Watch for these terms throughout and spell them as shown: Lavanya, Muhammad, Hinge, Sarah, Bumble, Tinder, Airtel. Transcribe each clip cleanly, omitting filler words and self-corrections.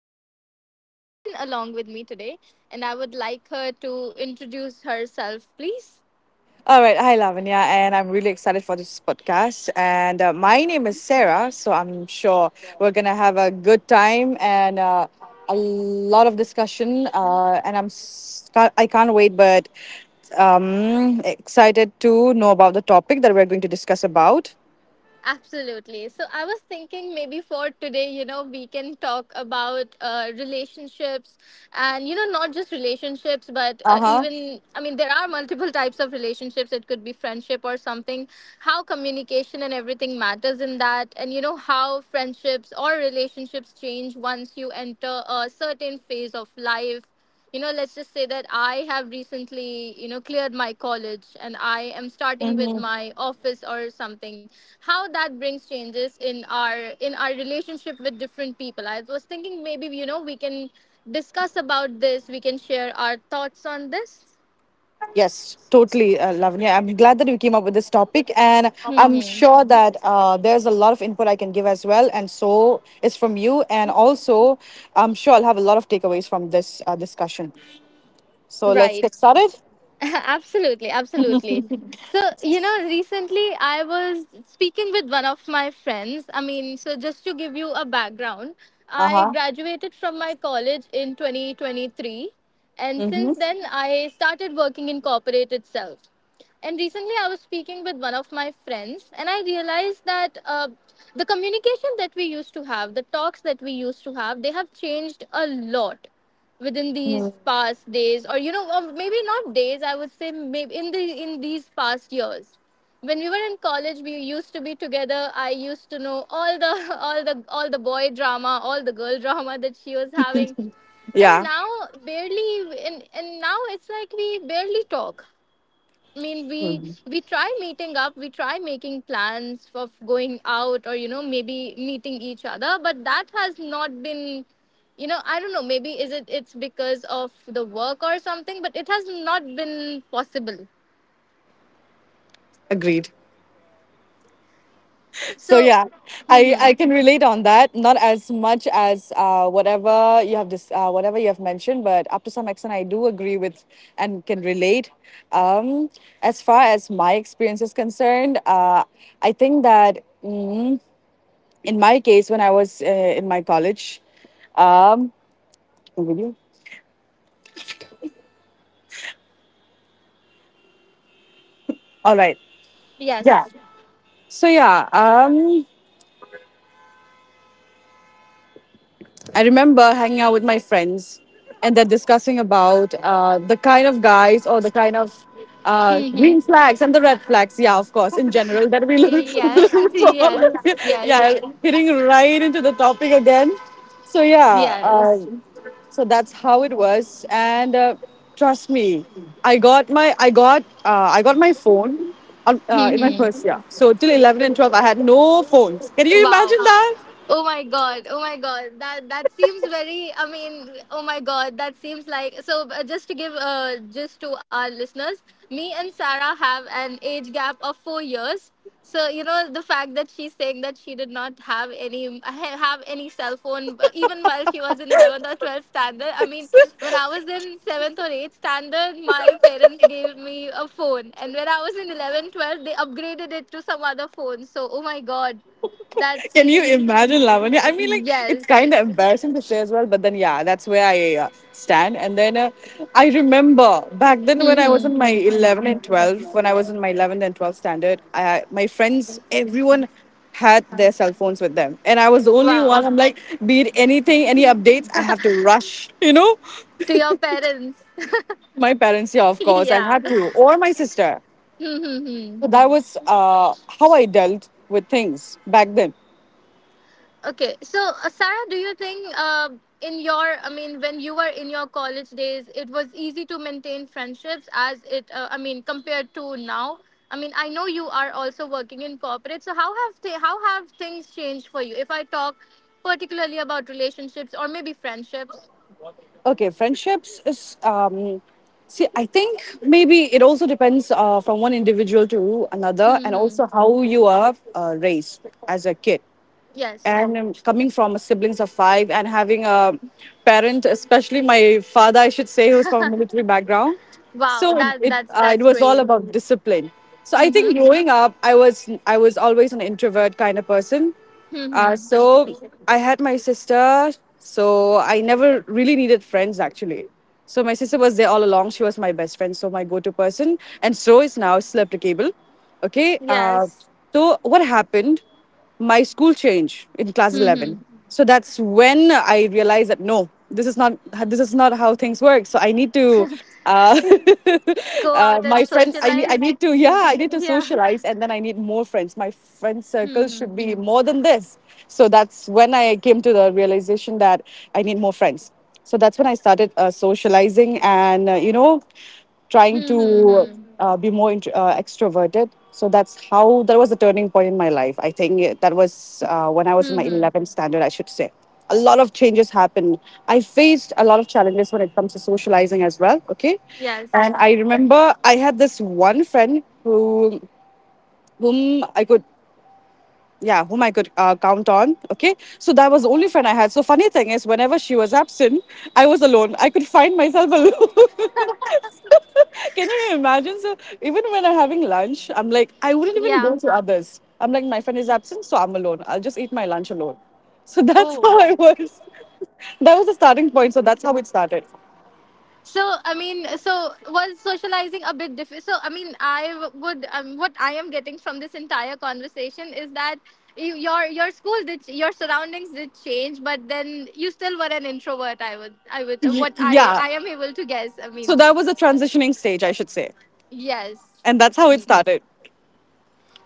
and I have a friend along with me today, and I would like her to introduce herself, please. All right. Hi, Lavanya. And I'm really excited for this podcast. And my name is Sarah. So I'm sure we're going to have a good time and a lot of discussion. And I'm, s- ca- I can't wait, but excited to know about the topic that we're going to discuss about. Absolutely. So I was thinking maybe for today, you know, we can talk about relationships and, you know, not just relationships, but Uh even, I mean, there are multiple types of relationships. It could be friendship or something, how communication and everything matters in that, and, you know, how friendships or relationships change once you enter a certain phase of life. You know, let's just say that I have recently, you know, cleared my college and I am starting with huh. my office or something. How that brings changes in our relationship with different people. I was thinking maybe, you know, we can discuss about this, we can share our thoughts on this. Yes, totally, Lavanya. I'm glad that you came up with this topic, and I'm Hmm. sure that there's a lot of input I can give as well, and so it's from you. And also, I'm sure I'll have a lot of takeaways from this discussion. So let's Right. get started. Absolutely, absolutely. So, you know, recently I was speaking with one of my friends. I mean, so just to give you a background, Uh I huh. graduated from my college in 2023, and Mm-hmm. since then I started working in corporate itself. And recently, I was speaking with one of my friends, and I realized that the communication that we used to have, the talks that we used to have, they have changed a lot within these past days, or you know, or maybe not days. I would say maybe in these past years. When we were in college, we used to be together. I used to know all the all the boy drama, all the girl drama that she was having. And Yeah. now, barely and now it's like we barely talk. I mean, we try meeting up, we try making plans of going out or, you know, maybe meeting each other, but that has not been, you know, I don't know. Maybe is it it's because of the work or something, but it has not been possible. Agreed. So So, yeah, I hmm. I can relate on that. Not as much as whatever you have mentioned, but up to some extent, I do agree with and can relate. Um, as far as my experience is concerned, I think that in my case, when I was in my college, um, all right, yeah. Yes. So yeah, I remember hanging out with my friends and then discussing about the kind of guys or the kind of green Hmm. flags and the red flags. Yeah, of course, in general that we look, Yes. look Yes, for. yes, yeah, hitting right into the topic again. So yeah, yes. So that's how it was. And trust me, I got my phone on, in my purse. Hmm. Yeah. So till 11 and 12, I had no phones. Can you imagine Wow. that? Oh my god. Oh my god. That seems very, I mean, oh my god, that seems like so just to give just to our listeners, me and Sarah have an age gap of 4 years. So, you know, the fact that she's saying that she did not have any have any cell phone even while she was in 11th or 12th standard. I mean, when I was in 7th or 8th standard, my parents gave me a phone. And when I was in 11th, 12th, they upgraded it to some other phone. So, oh my god. That Can you seems. imagine, Lavanya? I mean, like, it's Yes. kind of embarrassing to say as well, but then, yeah, that's where I stand. And then I remember back then when I was Hmm. in my 11 and 12, when I was in my 11th and 12th standard, my friends, everyone had their cell phones with them. And I was the only one, Wow. I'm like, be it anything, any updates, I have to rush, you know? To your parents. My parents, yeah, of course, I Yeah. had to, or my sister. So Mhm. that was how I dealt with things back then. Okay. So, Sarah, do you think in your, I mean, when you were in your college days, it was easy to maintain friendships as it, I mean, compared to now? I mean, I know you are also working in corporate. So, how have things changed for you? If I talk particularly about relationships or maybe friendships. Okay, friendships is see I think maybe it also depends from one individual to another and Hmm. also how you are raised as a kid. Yes. And coming from a siblings of 5 and having a parent, especially my father I should say, who's from a military background. Wow. So That that's it that's was all great. about discipline. So I think Mhm. growing up I was always an introvert kind of person, Mhm. so I had my sister, so I never really needed friends actually. So my sister was there all along. She was my best friend, so my go-to person, and so is now still applicable. Okay. Yes. So what happened? My school change in class 11, Mhm. so that's when I realized that no, this is not, this is not how things work. So I need to uh, Go out and my friends I socialize. need to, yeah, I need to Yeah. socialize, and then I need more friends. My friend circle Mhm. should be more than this. So that's when I came to the realization that I need more friends. So that's when I started socializing and you know, trying Mhm. to Mhm. Be extroverted. So that's how that was the turning point in my life. That was when I was in my Mhm. 11th standard, I should say. A lot of changes happened. I faced a lot of challenges when it comes to socializing as well. Okay. Yes. And I remember I had this one friend who, whom I could yeah, whom I could count on. Okay. So that was the only friend I had. So funny thing is, whenever she was absent, I was alone. I could find myself alone. Can you imagine? So even when I'm having lunch, I'm like, I wouldn't even Yeah. go to others. I'm like, my friend is absent, so I'm alone. I'll just eat my lunch alone. So that's Oh. how I was. That was the starting point. So that's how it started. So I mean, so was socializing a bit different? So I mean, I would what I am getting from this entire conversation is that you, your school did your surroundings did change, but then you still were an introvert. I would Y- what I yeah. I am able to guess. I So mean, that was a transitioning stage, I should say. yes. And that's how it Hmm. started.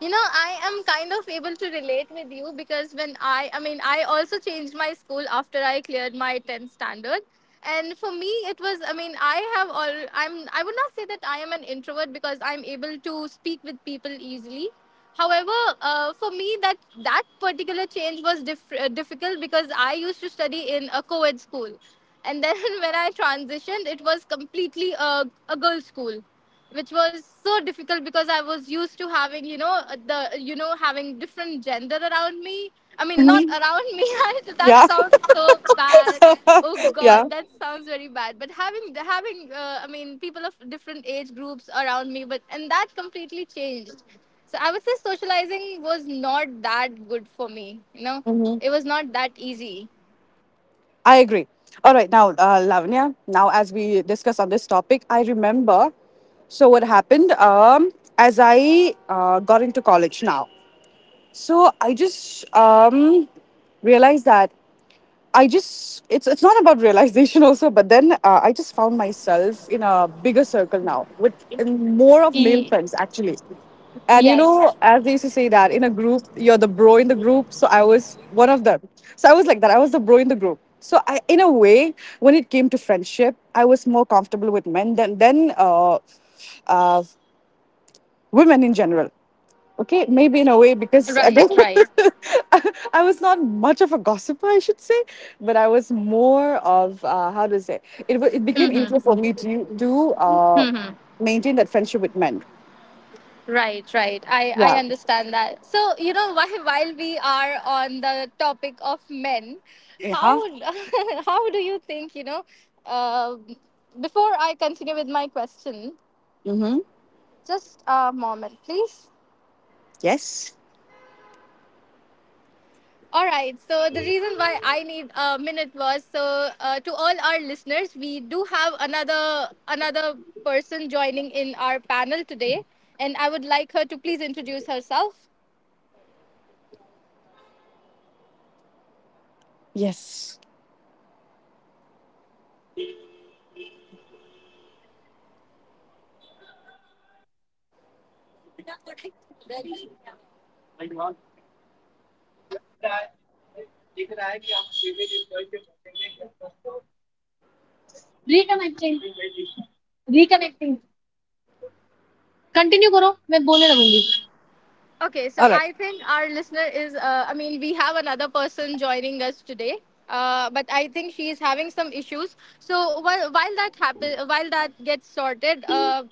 You know, I am kind of able to relate with you because when I mean, I also changed my school after I cleared my 10th standard. And for me, it was, I mean, I have all, I'm, I would not say that I am an introvert because I'm able to speak with people easily. However, for me, that particular change was difficult because I used to study in a co-ed school, and then when I transitioned, it was completely a girls' school which was so difficult because I was used to having, you know, having different gender around me. I mean, not around me. That Yeah. sounds so bad. Oh yeah. God, that sounds very bad. But I mean, people of different age groups around me, but and that completely changed. So I would say socializing was not that good for me. You know, it was not that easy. I agree. All right, now, Lavanya, now as we discuss on this topic, I remember. So, what happened? As I got into college now? So, I just realized that, I just it's not about realization also, but then I just found myself in a bigger circle now with, in more of male E-. friends actually. And you know, Yes. as they used to say that in a group, you're the bro in the group. So I was one of them. So I was like that. I was the bro in the group. So I, in a way, when it came to friendship, I was more comfortable with men than uh, women in general. Okay, maybe in a way because I, don't- Right. Right. I I was not much of a gossiper, I should say, but I was more of, how to say it. It became Mm-hmm. easier for me to Mm-hmm. maintain that friendship with men. Right, right. I Yeah. understand that. So, you know, why while we are on the topic of men, how Yeah. how do you think, you know, uh, before I continue with my question, Mm-hmm. just a moment, please. Yes. All right. So, the reason why I need a minute was so to all our listeners, we do have another person joining in our panel today, and I would like her to please introduce herself. Yes. Reconnecting reconnecting continue करो, मैं बोलने लगूंगी। Okay, so All right. I think our listener is, I mean, we have another person joining us today. But I think she is having some issues. So while that happen, while that gets sorted,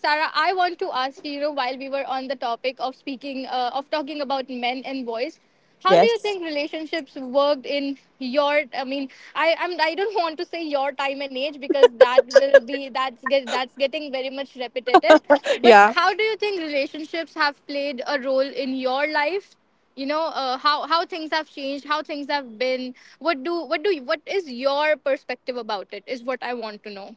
Sarah, I want to ask you, you know, while we were on the topic of speaking, of talking about men and boys, how do you Yes. think relationships worked in your, I mean, I'm, I don't want to say your time and age because that will be that's get, that's getting very much repetitive. But Yeah. how do you think relationships have played a role in your life? You know, how things have changed, how things have been. What is your perspective about it is what I want to know.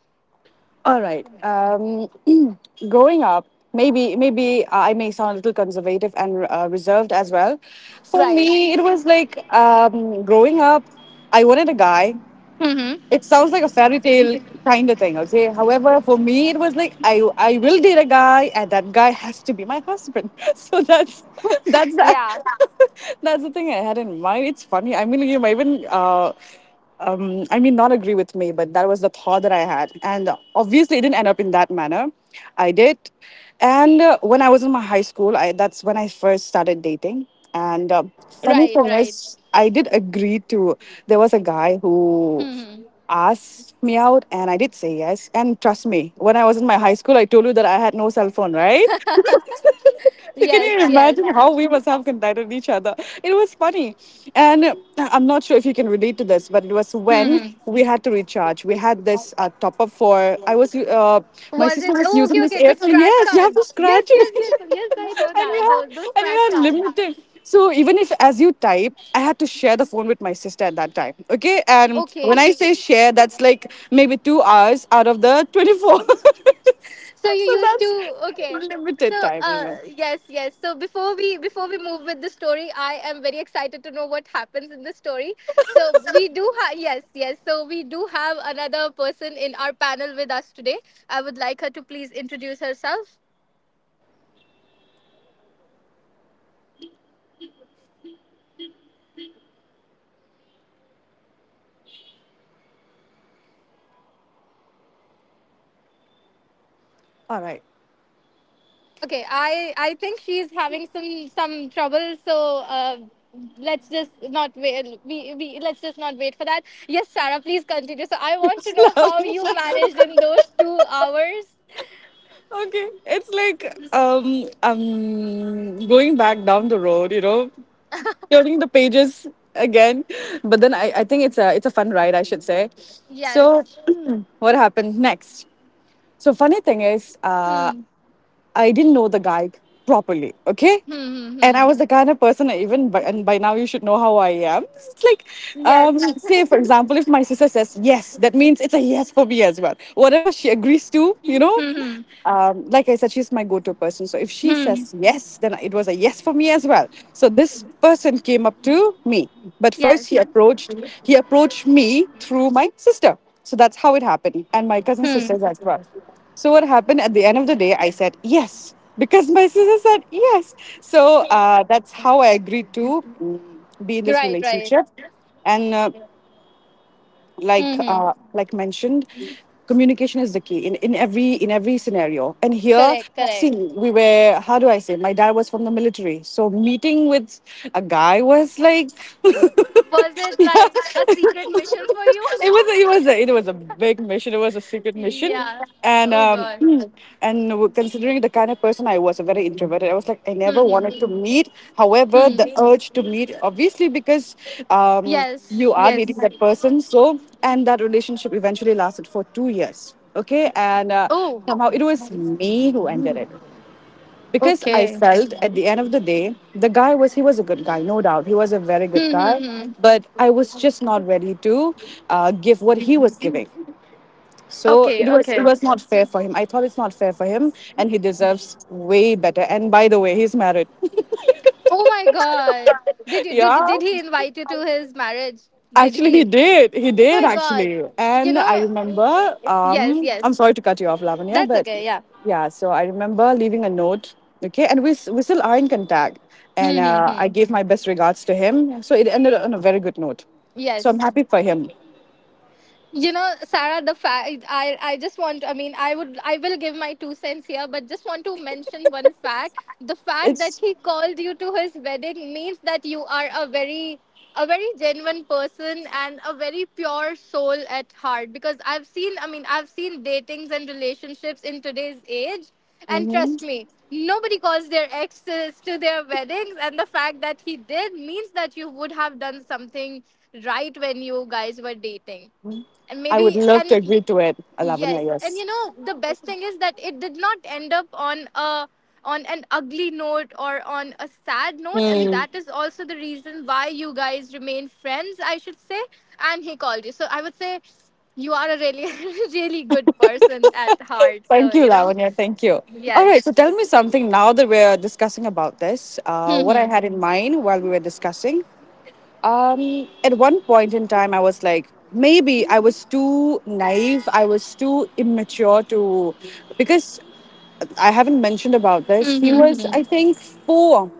All right. Growing up, maybe I may sound a little conservative and reserved as well. For Right. me, it was like, growing up, I wanted a guy. Mhm. It sounds like a fairy tale kind of thing, okay? However, for me, it was like I will date a guy, and that guy has to be my husband. So that's the, Yeah. that's the thing I had in mind. It's funny. I mean, you might even. I mean, not agree with me, but that was the thought that I had. And obviously, it didn't end up in that manner. I did. And when I was in my high school, that's when I first started dating. And funny Right, thing right. is, I did agree to, there was a guy who Mhm. asked me out, and I did say yes. And trust me, when I was in my high school, I told you that I had no cell phone, right? So can Yes, you yes. imagine how we must have conducted each other? It was funny. And I'm not sure if you can relate to this, but it was when Hmm. we had to recharge. We had this top up for, my Was sister it? was Oh, using okay, this okay. The Airtel. scratch Yes, you have cards. to Yes, scratch yes, it. yes, yes. I know that. Those and scratch you have cards. limited. So even if as you type, I had to share the phone with my sister at that time. Okay. And when Okay. I say share, that's like maybe 2 hours out of the 24. So you so used that's to. Okay. limited So time, you know. yes, yes. So before we move with the story, I am very excited to know what happens in the story. So we do have, yes, yes. So we do have another person in our panel with us today. I would like her to please introduce herself. All right. Okay, I think she's having some trouble, so let's just not wait. We Let's just not wait for that. Yes, Sarah, please continue. So I want to know how you okay. managed in those 2 hours. It's like going back down the road, you know, turning the pages again. But then I think it's a fun ride, I should say. So Yes. what happened next? So funny thing is, Hmm. I didn't know the guy properly, okay? Hmm. Hmm. And I Hmm. was the kind of person. And by now you should know how I am. It's like, Yes. Say for example, if my sister says yes, that means it's a yes for me as well. Whatever she agrees to, you know. Hmm. Like I said, she's my go to person. So if Hmm. she Hmm. says yes, then it was a yes for me as well. So this person came up to me. But first Yes. He approached me through my sister. So that's how it happened. And my cousin Hmm. sisters as well. So what happened, at the end of the day, I said yes, because my sister said yes. So that's how I agreed to, be in this Right. Right. relationship. And Hmm. Hmm. Like mentioned, communication is the key in every, in every scenario. And here, Correct. see, Correct. we were, how do I say, my dad was from the military, so meeting with a guy was like Was it like a it secret mission for you? It was a big mission, it was a secret mission. Yeah. and Oh um God. Considering the kind of person I was, a very introverted, I was like, I never wanted to meet. However, the Hmm. urge to meet, obviously, because um, you Yes, are dating yes. that person. So, and that relationship eventually lasted for 2 years. Okay. And Oh, somehow it was me who ended it, because I okay. felt at the end of the day, the guy was, he was a good guy, no doubt. He was a very good Hmm, guy. hmm, hmm. But I was just not ready to give what he was giving. So Okay, it okay. was not fair for him. I thought it's not fair for him, and he deserves way better. And by the way, he's married. Oh my god. Yeah, Did he invite you to his marriage? Did actually, he he? did. He Oh did my god. actually. You And I know. remember. Yes, I'm yes. sorry to cut you off, Lavanya, That's but okay, yeah. yeah. So I remember leaving a note. Okay, and we still are in contact. Hmm, And hmm, I hmm. gave my best regards to him. So it ended on a very good note. So I'm Yes. happy for him. You know, Sarah, the fact, I just want, I mean, I would, I will give my two cents here, but just want to mention one fact. The fact that It's. he called you to his wedding means that you are a very, a very genuine person and a very pure soul at heart, because I've seen, I mean, I've seen datings and relationships in today's age, and Hmm. trust me, nobody calls their exes to their weddings. And the fact that he did means that you would have done something right when you guys were dating. And I would maybe, love to and agree to it, yes. And Lavanya. you know, the best thing is that it did not end up on a, on an ugly note or on a sad note, and Yes. that is also the reason why you guys remain friends, I should say. And he called you, so I would say you are a really really good person at heart. So Thank you, you know, Lavanya. Thank you. All right. So yes. tell me something now that we're discussing about this. What I Mhm. had in mind while we were discussing. At one point in time, I was like, maybe I was too naive. I was too immature to, because I haven't mentioned about this. Mhm, He was, mhm. I think, four,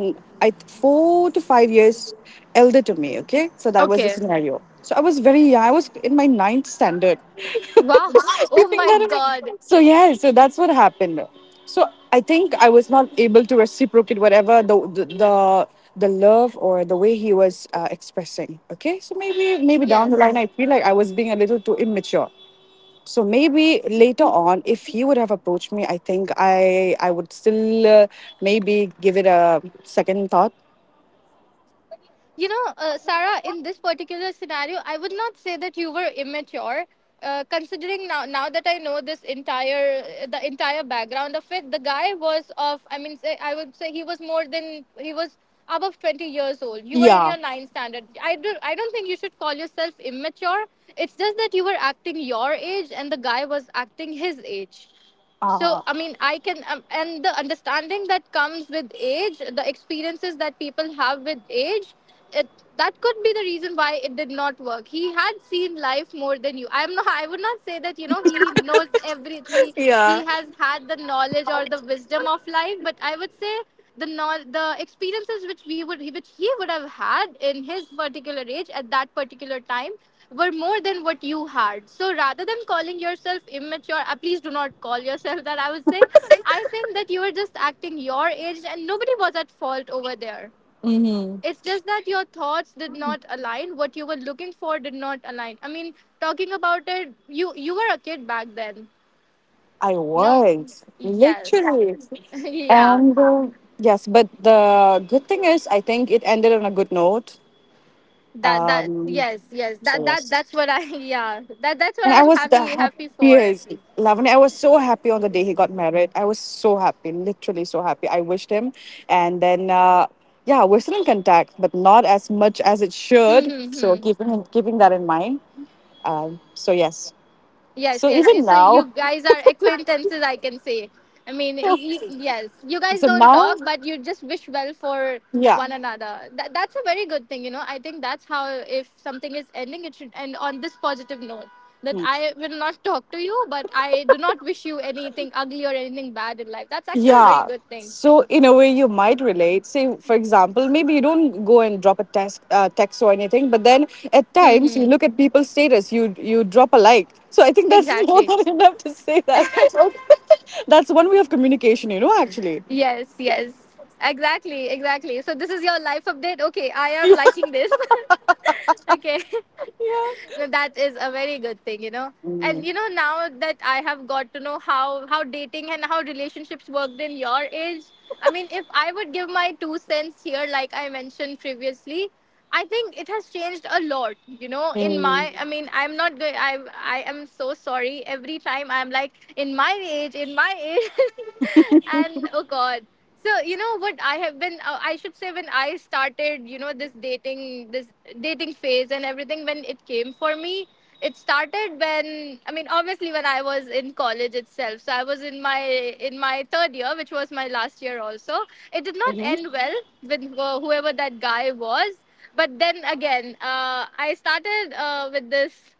I 4 to 5 years elder to me. Okay, so that was the Okay. scenario. So I was very young. I was in my ninth standard. Wow. You Oh think my that? God. So yeah, so that's what happened. So I think I was not able to reciprocate whatever the love or the way he was expressing. Okay, so maybe down the line Yes. I feel like I was being a little too immature, so maybe later on, if he would have approached me, I think I would still maybe give it a second thought. You know, Sarah, in this particular scenario, I would not say that you were immature. Considering now, that I know this entire the entire background of it, the guy was of, I mean, say, I would say he was above 20 years old. You were in Yeah. your ninth standard. I don't think you should call yourself immature. It's just that you were acting your age and the guy was acting his age. So, Uh, I mean, and the understanding that comes with age, the experiences that people have with age, it, that could be the reason why it did not work. He had seen life more than you. I would not say that, you know, he knows everything. He, yeah. he has had the knowledge or the wisdom of life, but I would say the experiences which he would have had in his particular age at that particular time were more than what you had. So rather than calling yourself immature, please do not call yourself that, I would say. I think that you were just acting your age and nobody was at fault over there. Hmm. It's just that your thoughts did not align, what you were looking for did not align. I mean, talking about it, you were a kid back then. I No. was Yes. literally, Yeah. and yes, but the good thing is, I think it ended on a good note. That, Um, yes, yes, that so that yes. that's what I, yeah, that's what And I I'm was the happy for. happiest, Lavanya. I was so happy on the day he got married. I was so happy, literally so happy. I wished him. And then, yeah, we're still in contact, but not as much as it Hmm, should. hmm, So hmm. keeping that in mind. So, yes. Yes, So yes. Even So you now, guys are acquaintances, I can say. I mean, yes, you guys so don't now, talk but you just wish well for yeah, one another. That's a very good thing, I think that's how, if something is ending, it should end on this positive note. That I will not talk to you, but I do not wish you anything ugly or anything bad in life. That's actually a very yeah. good thing. So in a way, you might relate. Say, for example, maybe you don't go and drop a text, or anything, but then at Hmm, times you look hmm. at people's status. You drop a like. So I think that's more Exactly. than enough to say that. That's one way of communication. Actually. Yes, yes. Exactly, exactly. So this is your life update. Okay, I am liking this. Okay. Yeah. No, that is a very good thing. And, Mm. Now that I have got to know how dating and how relationships worked in your age, I mean, if I would give my two cents here, like I mentioned previously, I think it has changed a lot. You know, in my, I mean, I'm not going. I am so sorry. Every time I'm like, in my age, in my age. And oh god, so you know what, I have been, I should say, when I started, this dating phase and everything, when it came for me, it started when, I mean, obviously when I was in college itself. So I was in my third year, which was my last year also. It did not Mm. end well with whoever that guy was. But then again, I started, with this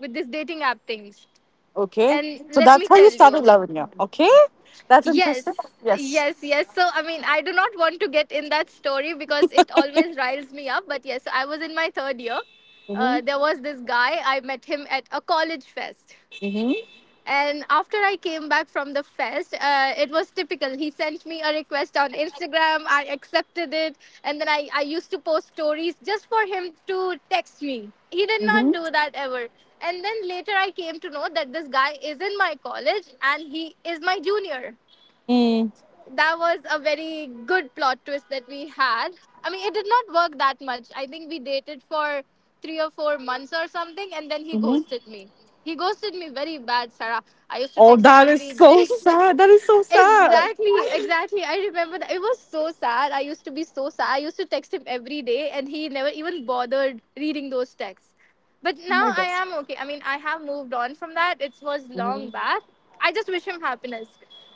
with this dating app things. Okay. And So let that's me how you tell started, you, Lavanya. Okay. That's interesting. yes, Yes. yes, yes. So, I mean, I do not want to get in that story because it always riles me up. But yes, so I was in my third year. Mm-hmm. There was this guy, I met him at a college fest. Mm-hmm. And after I came back from the fest, it was typical. He sent me a request on Instagram. I accepted it. And then I used to post stories just for him to text me. He did Mm-hmm. not do that ever. And then later I came to know that this guy is in my college and he is my junior. Mm. That was a very good plot twist that we had. I mean, it did not work that much. I think we dated for 3 or 4 months or something, and then he Mm-hmm. ghosted me. He ghosted me very bad, Sarah. I used to Oh, text him that is every day. so sad. That is so sad. Exactly, exactly. I remember that. It was so sad. I used to be so sad. I used to text him every day, and he never even bothered reading those texts. But Oh my now I gosh. am okay. I mean, I have moved on from that. It was long Hmm. back. I just wish him happiness.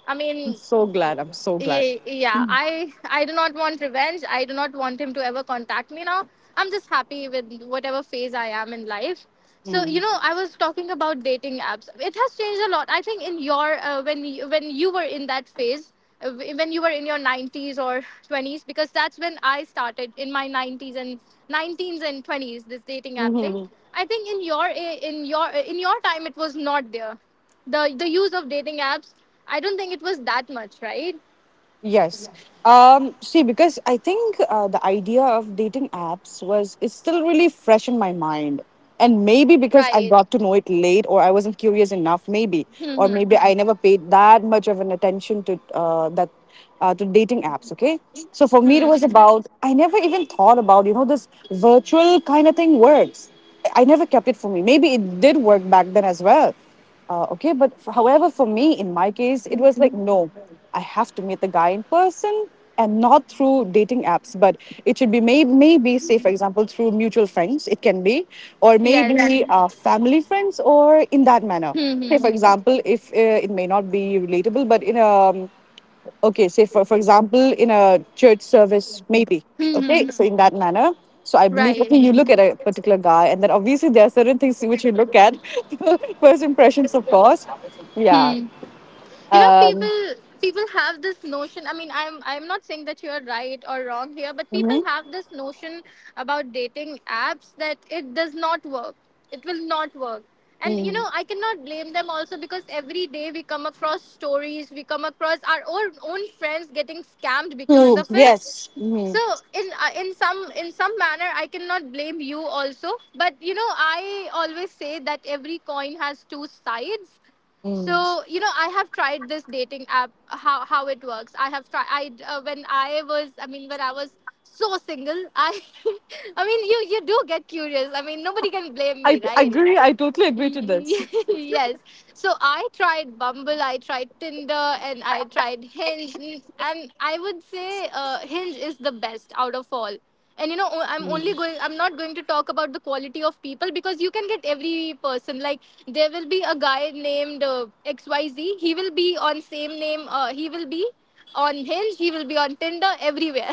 I I'm mean, so glad. I'm so glad. Yeah, I do not want revenge, I do not want him to ever contact me now. I'm just happy with whatever phase I am in life. So Mm-hmm. I was talking about dating apps, it has changed a lot, I think, in your when you were in that phase, when you were in your 90s or 20s, because that's when I started, in my 90s and 19s and 20s, this dating app thing. Mm-hmm. I think in your time, it was not there. The use of dating apps, I don't think it was that much, right? Yes. See, because I think the idea of dating apps was it's still really fresh in my mind. And maybe because I Right. got to know it late or I wasn't curious enough, maybe. Hmm. Or Hmm. maybe I never paid that much of an attention to that to dating apps, okay? So for me it was Hmm. about I never even thought about, you know, this virtual kind of thing works. I never kept it for me. Maybe it did work back then as well. Okay, but however, for me, in my case, it was like, no, I have to meet the guy in person and not through dating apps, but it should be maybe, say, for example, through mutual friends, it can be, or Yes. maybe family friends, or in that manner. Hmm. Say, Hmm. for Hmm, example, if it may not be relatable, but in a okay say for example in a church service maybe, hmm, okay, so hmm. in that manner. So I believe, okay, Right. you look at a particular guy and then obviously there are certain things which you look at. First impressions, of course. Yeah. Hmm. You know, Um. people have this notion. I mean, I'm not saying that you're right or wrong here, but people Mhm. have this notion about dating apps that it does not work. It will not work. And Mm. I cannot blame them also because every day we come across stories, we come across our own friends getting scammed because So, of it. yes. So Mhm. In some manner, I cannot blame you also. But I always say that every coin has two sides. So Mm. I have tried this dating app, how it works. I have tried. I When I was, I mean, when I was so single, I I mean, you do get curious. I mean, nobody can blame me, I right? agree, I totally agree to this. Yes. So I tried Bumble, I tried Tinder, and I tried Hinge. And I would say, Hinge is the best out of all. And I'm only going, I'm not going to talk about the quality of people because you can get every person. Like, there will be a guy named, XYZ. He will be on same name, he will be on Hinge, he will be on Tinder, everywhere.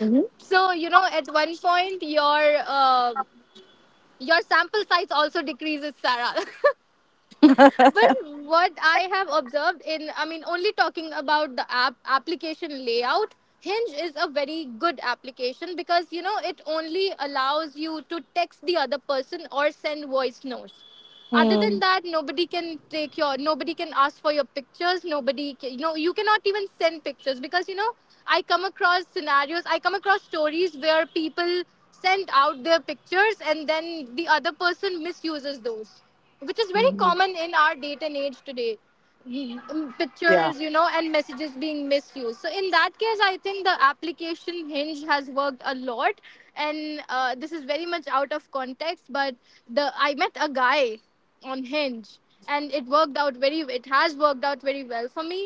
Mm-hmm. So, at one point, your sample size also decreases, Sarah. But what I have observed in, I mean, only talking about the app application layout, Hinge is a very good application because, it only allows you to text the other person or send voice notes. Other than Mm. that, nobody can take your, nobody can ask for your pictures. Nobody can, you cannot even send pictures because, I come across scenarios, I come across stories where people send out their pictures and then the other person misuses those, which is very common in our date and age today. Yeah. pictures, and messages being misused. So in that case, I think the application Hinge has worked a lot. And this is very much out of context, but the I met a guy on Hinge, and it has worked out very well for me.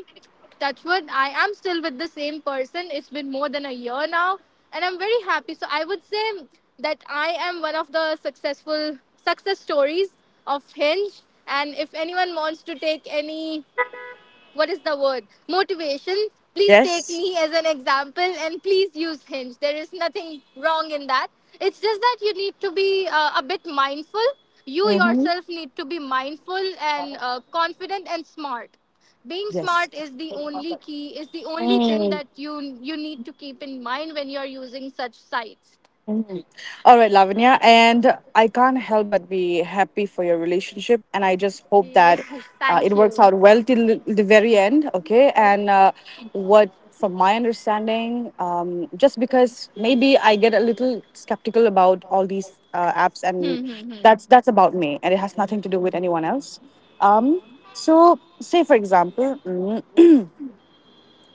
Touchwood, I am still with the same person. It's been more than a year now, and I'm very happy. So I would say that I am one of the success stories of Hinge. And if anyone wants to take any, what is the word, motivation, please take Yes. me as an example and please use Hinge. There is nothing wrong in that. It's just that you need to be, a bit mindful. You Mm-hmm. yourself need to be mindful and, confident and smart. Being Yes. smart is the only thing Mm. that you need to keep in mind when you're using such sites. Mhm. All right, Lavanya. And I can't help but be happy for your relationship. And I just hope that Yes, it thank works you. out well till the very end. Okay. And what, from my understanding, just because maybe I get a little skeptical about all these apps, and Hmm, hmm, hmm. that's about me, and it has nothing to do with anyone else. Um, so, say for example. Mm.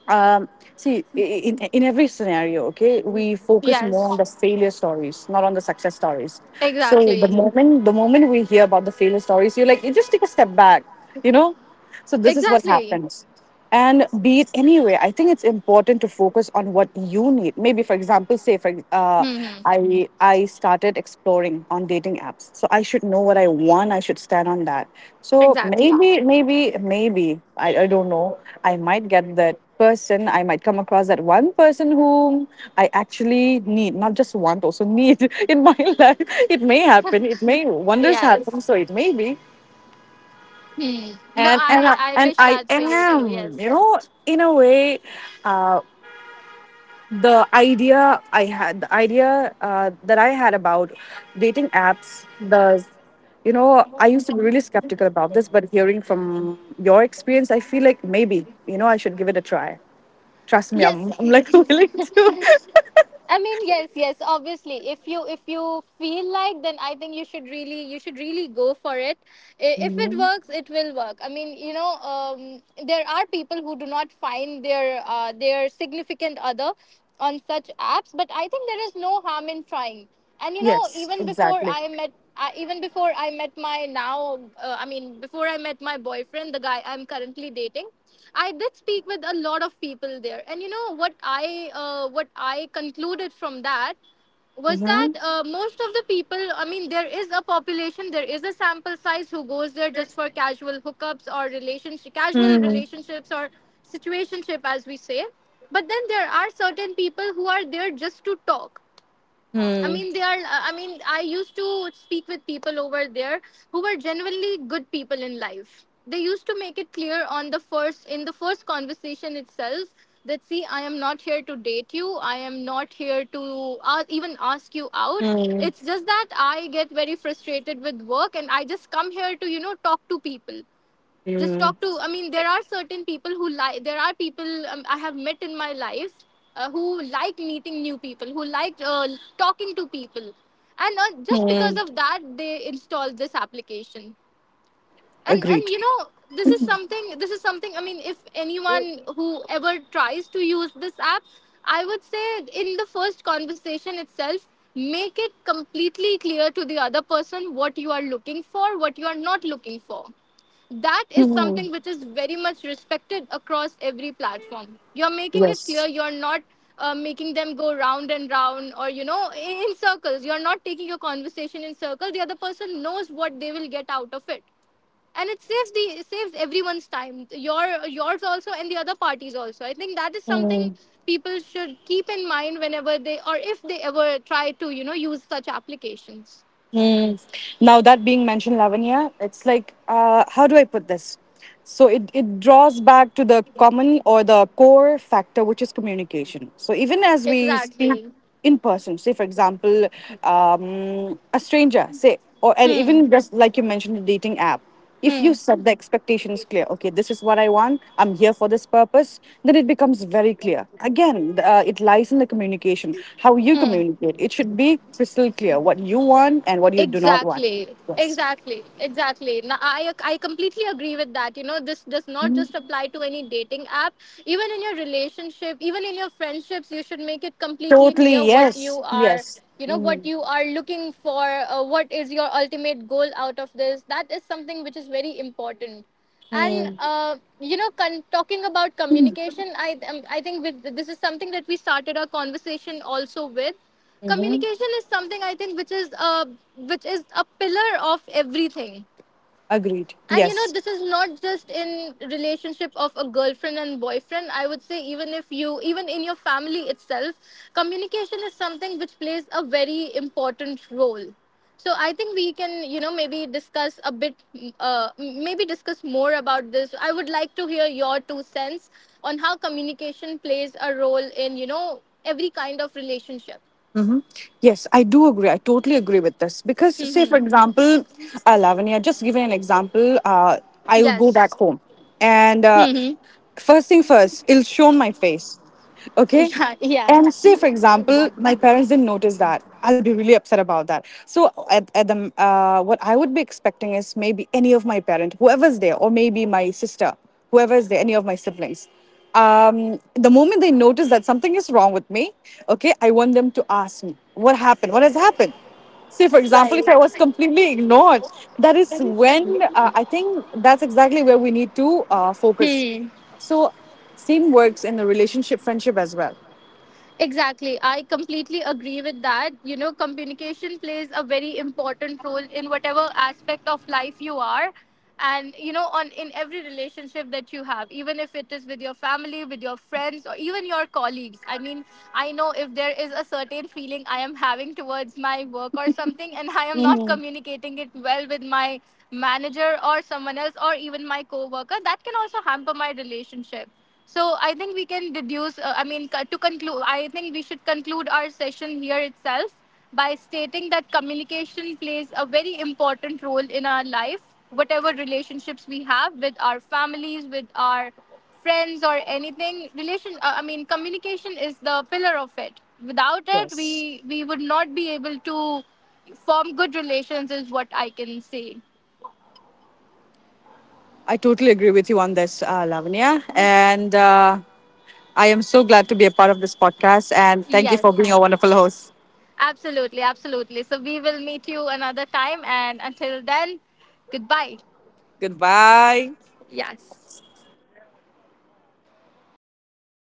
Um, see, in every scenario, okay, we focus more on Yes. the failure stories, not on the success stories. So the Exactly, moment the moment we hear about the failure stories, you're like, you just take a step back, you know. So this is what exactly. happens. And be it anyway, I think it's important to focus on what you need. Maybe for example, say for Hmm, hmm. I started exploring on dating apps, so I should know what I want, I should stand on that. So Exactly. maybe I don't know, I might get that person, I might come across that one person whom I actually need, not just want, also need in my life. It may happen. It may wonders Yes. happen. So it may be. Hmm. No, And and I I, I and wish I that for you too. am, you Yes. know, in a way, uh, the idea that I had about dating apps, the you know, I used to be really skeptical about this, but hearing from your experience, I feel like maybe, you know, I should give it a try. Trust me, Yes. I'm like willing to. I mean, yes, yes. Obviously, if you feel like, then I think you should really go for it. If it Mhm. works, it will work. I mean, there are people who do not find their significant other on such apps, but I think there is no harm in trying. And Yes, exactly. Even before I met my now, I mean, before I met my boyfriend, the guy I'm currently dating, I did speak with a lot of people there. And you know what, I what I concluded from that was Mm-hmm. that, most of the people, I mean, there is a population, there is a sample size, who goes there just for casual hookups or relationship casual Mm, relationships or situationship, as we say. But then there are certain people who are there just to talk. I mm, mean, I used to speak with people over there, who were genuinely good people in life. They used to make it clear, on the first in the first conversation itself, that see, I am not here to date you. I am not here to, even ask you out. mm, It's just that I get very frustrated with work and I just come here to talk to people, just mm, talk to. I mean, there are certain people who like there are people, I have met in my life, who like meeting new people, who like, talking to people, and, just because mm. of that they installed this application. And Agreed. This is something, I mean, if anyone who ever tries to use this app, I would say, in the first conversation itself, make it completely clear to the other person what you are looking for, what you are not looking for. That is Mm. something which is very much respected across every platform. You're making it Yes. clear, you're not, making them go round and round, or, in circles. You're not taking your conversation in circles. The other person knows what they will get out of it, and it saves everyone's time, yours also and the other parties also. I think that is something people should keep in mind, whenever they, or if they ever try to use such applications. Mm. Now that being mentioned, Lavanya, it's like, how do I put this? So it draws back to the common or the core factor, which is communication. So even as we speak Exactly. in person, say for example, a stranger, say, or and Hmm, even just like you mentioned, the dating app, if you hmm, set the expectations clear, okay, this is what I want, I'm here for this purpose, then it becomes very clear again, it lies in the communication, how you hmm. communicate, it should be crystal clear what you want and what you do not want. Exactly. Yes. Exactly. Exactly. Now, I completely agree with that. You know, this does not Mhm. just apply to any dating app. Even in your relationship, even in your friendships, you should make it completely Totally, clear what you yes, are. yes. You know what Mm-hmm. you are looking for. What is your ultimate goal out of this? That is something which is very important. And, Mm-hmm. Talking about communication, I think with this is something that we started our conversation also with. Mm-hmm. Communication is something, I think, which is a pillar of everything. Agreed, And yes. this is not just in relationship of a girlfriend and boyfriend, I would say. Even if you even in your family itself, communication is something which plays a very important role. So I think we can, maybe discuss a bit uh, maybe discuss more about this. I would like to hear your two cents on how communication plays a role in, every kind of relationship. Yes, I do agree. I totally agree with this because, say, for Hmm. example, Lavanya, just giving an example, I will go back Yes. home and Mm-hmm. first thing first, it'll show on my face. Okay. Yeah. Yeah. And say, for example, my parents didn't notice that. I'll be really upset about that. So, at the what I would be expecting is maybe any of my parent, whoever's there, or maybe my sister, whoever's there, any of my siblings. The moment they notice that something is wrong with me, okay, I want them to ask me what happened, what has happened. Say, for example, Right. if I was completely ignored, that is when I think that's exactly where we need to focus. Hmm. So, same works in the relationship, friendship as well. Exactly. I completely agree with that. You know, communication plays a very important role in whatever aspect of life you are, and on in every relationship that you have, even if it is with your family, with your friends, or even your colleagues. I mean, I know, if there is a certain feeling I am having towards my work or something, and I am not communicating it well with my manager or someone else or even my coworker, that can also hamper my relationship. So I think we can deduce. I mean, to conclude, I think we should conclude our session here itself by stating that communication plays a very important role in our life, whatever relationships we have with our families, with our friends, or anything. Relation. I mean, communication is the pillar of it. Without it, Yes. we would not be able to form good relations. Is what I can say. I totally agree with you on this, Lavanya. And I am so glad to be a part of this podcast. And thank you Yes. for being a wonderful host. Absolutely, absolutely. So we will meet you another time. And until then, goodbye. Goodbye. Yes.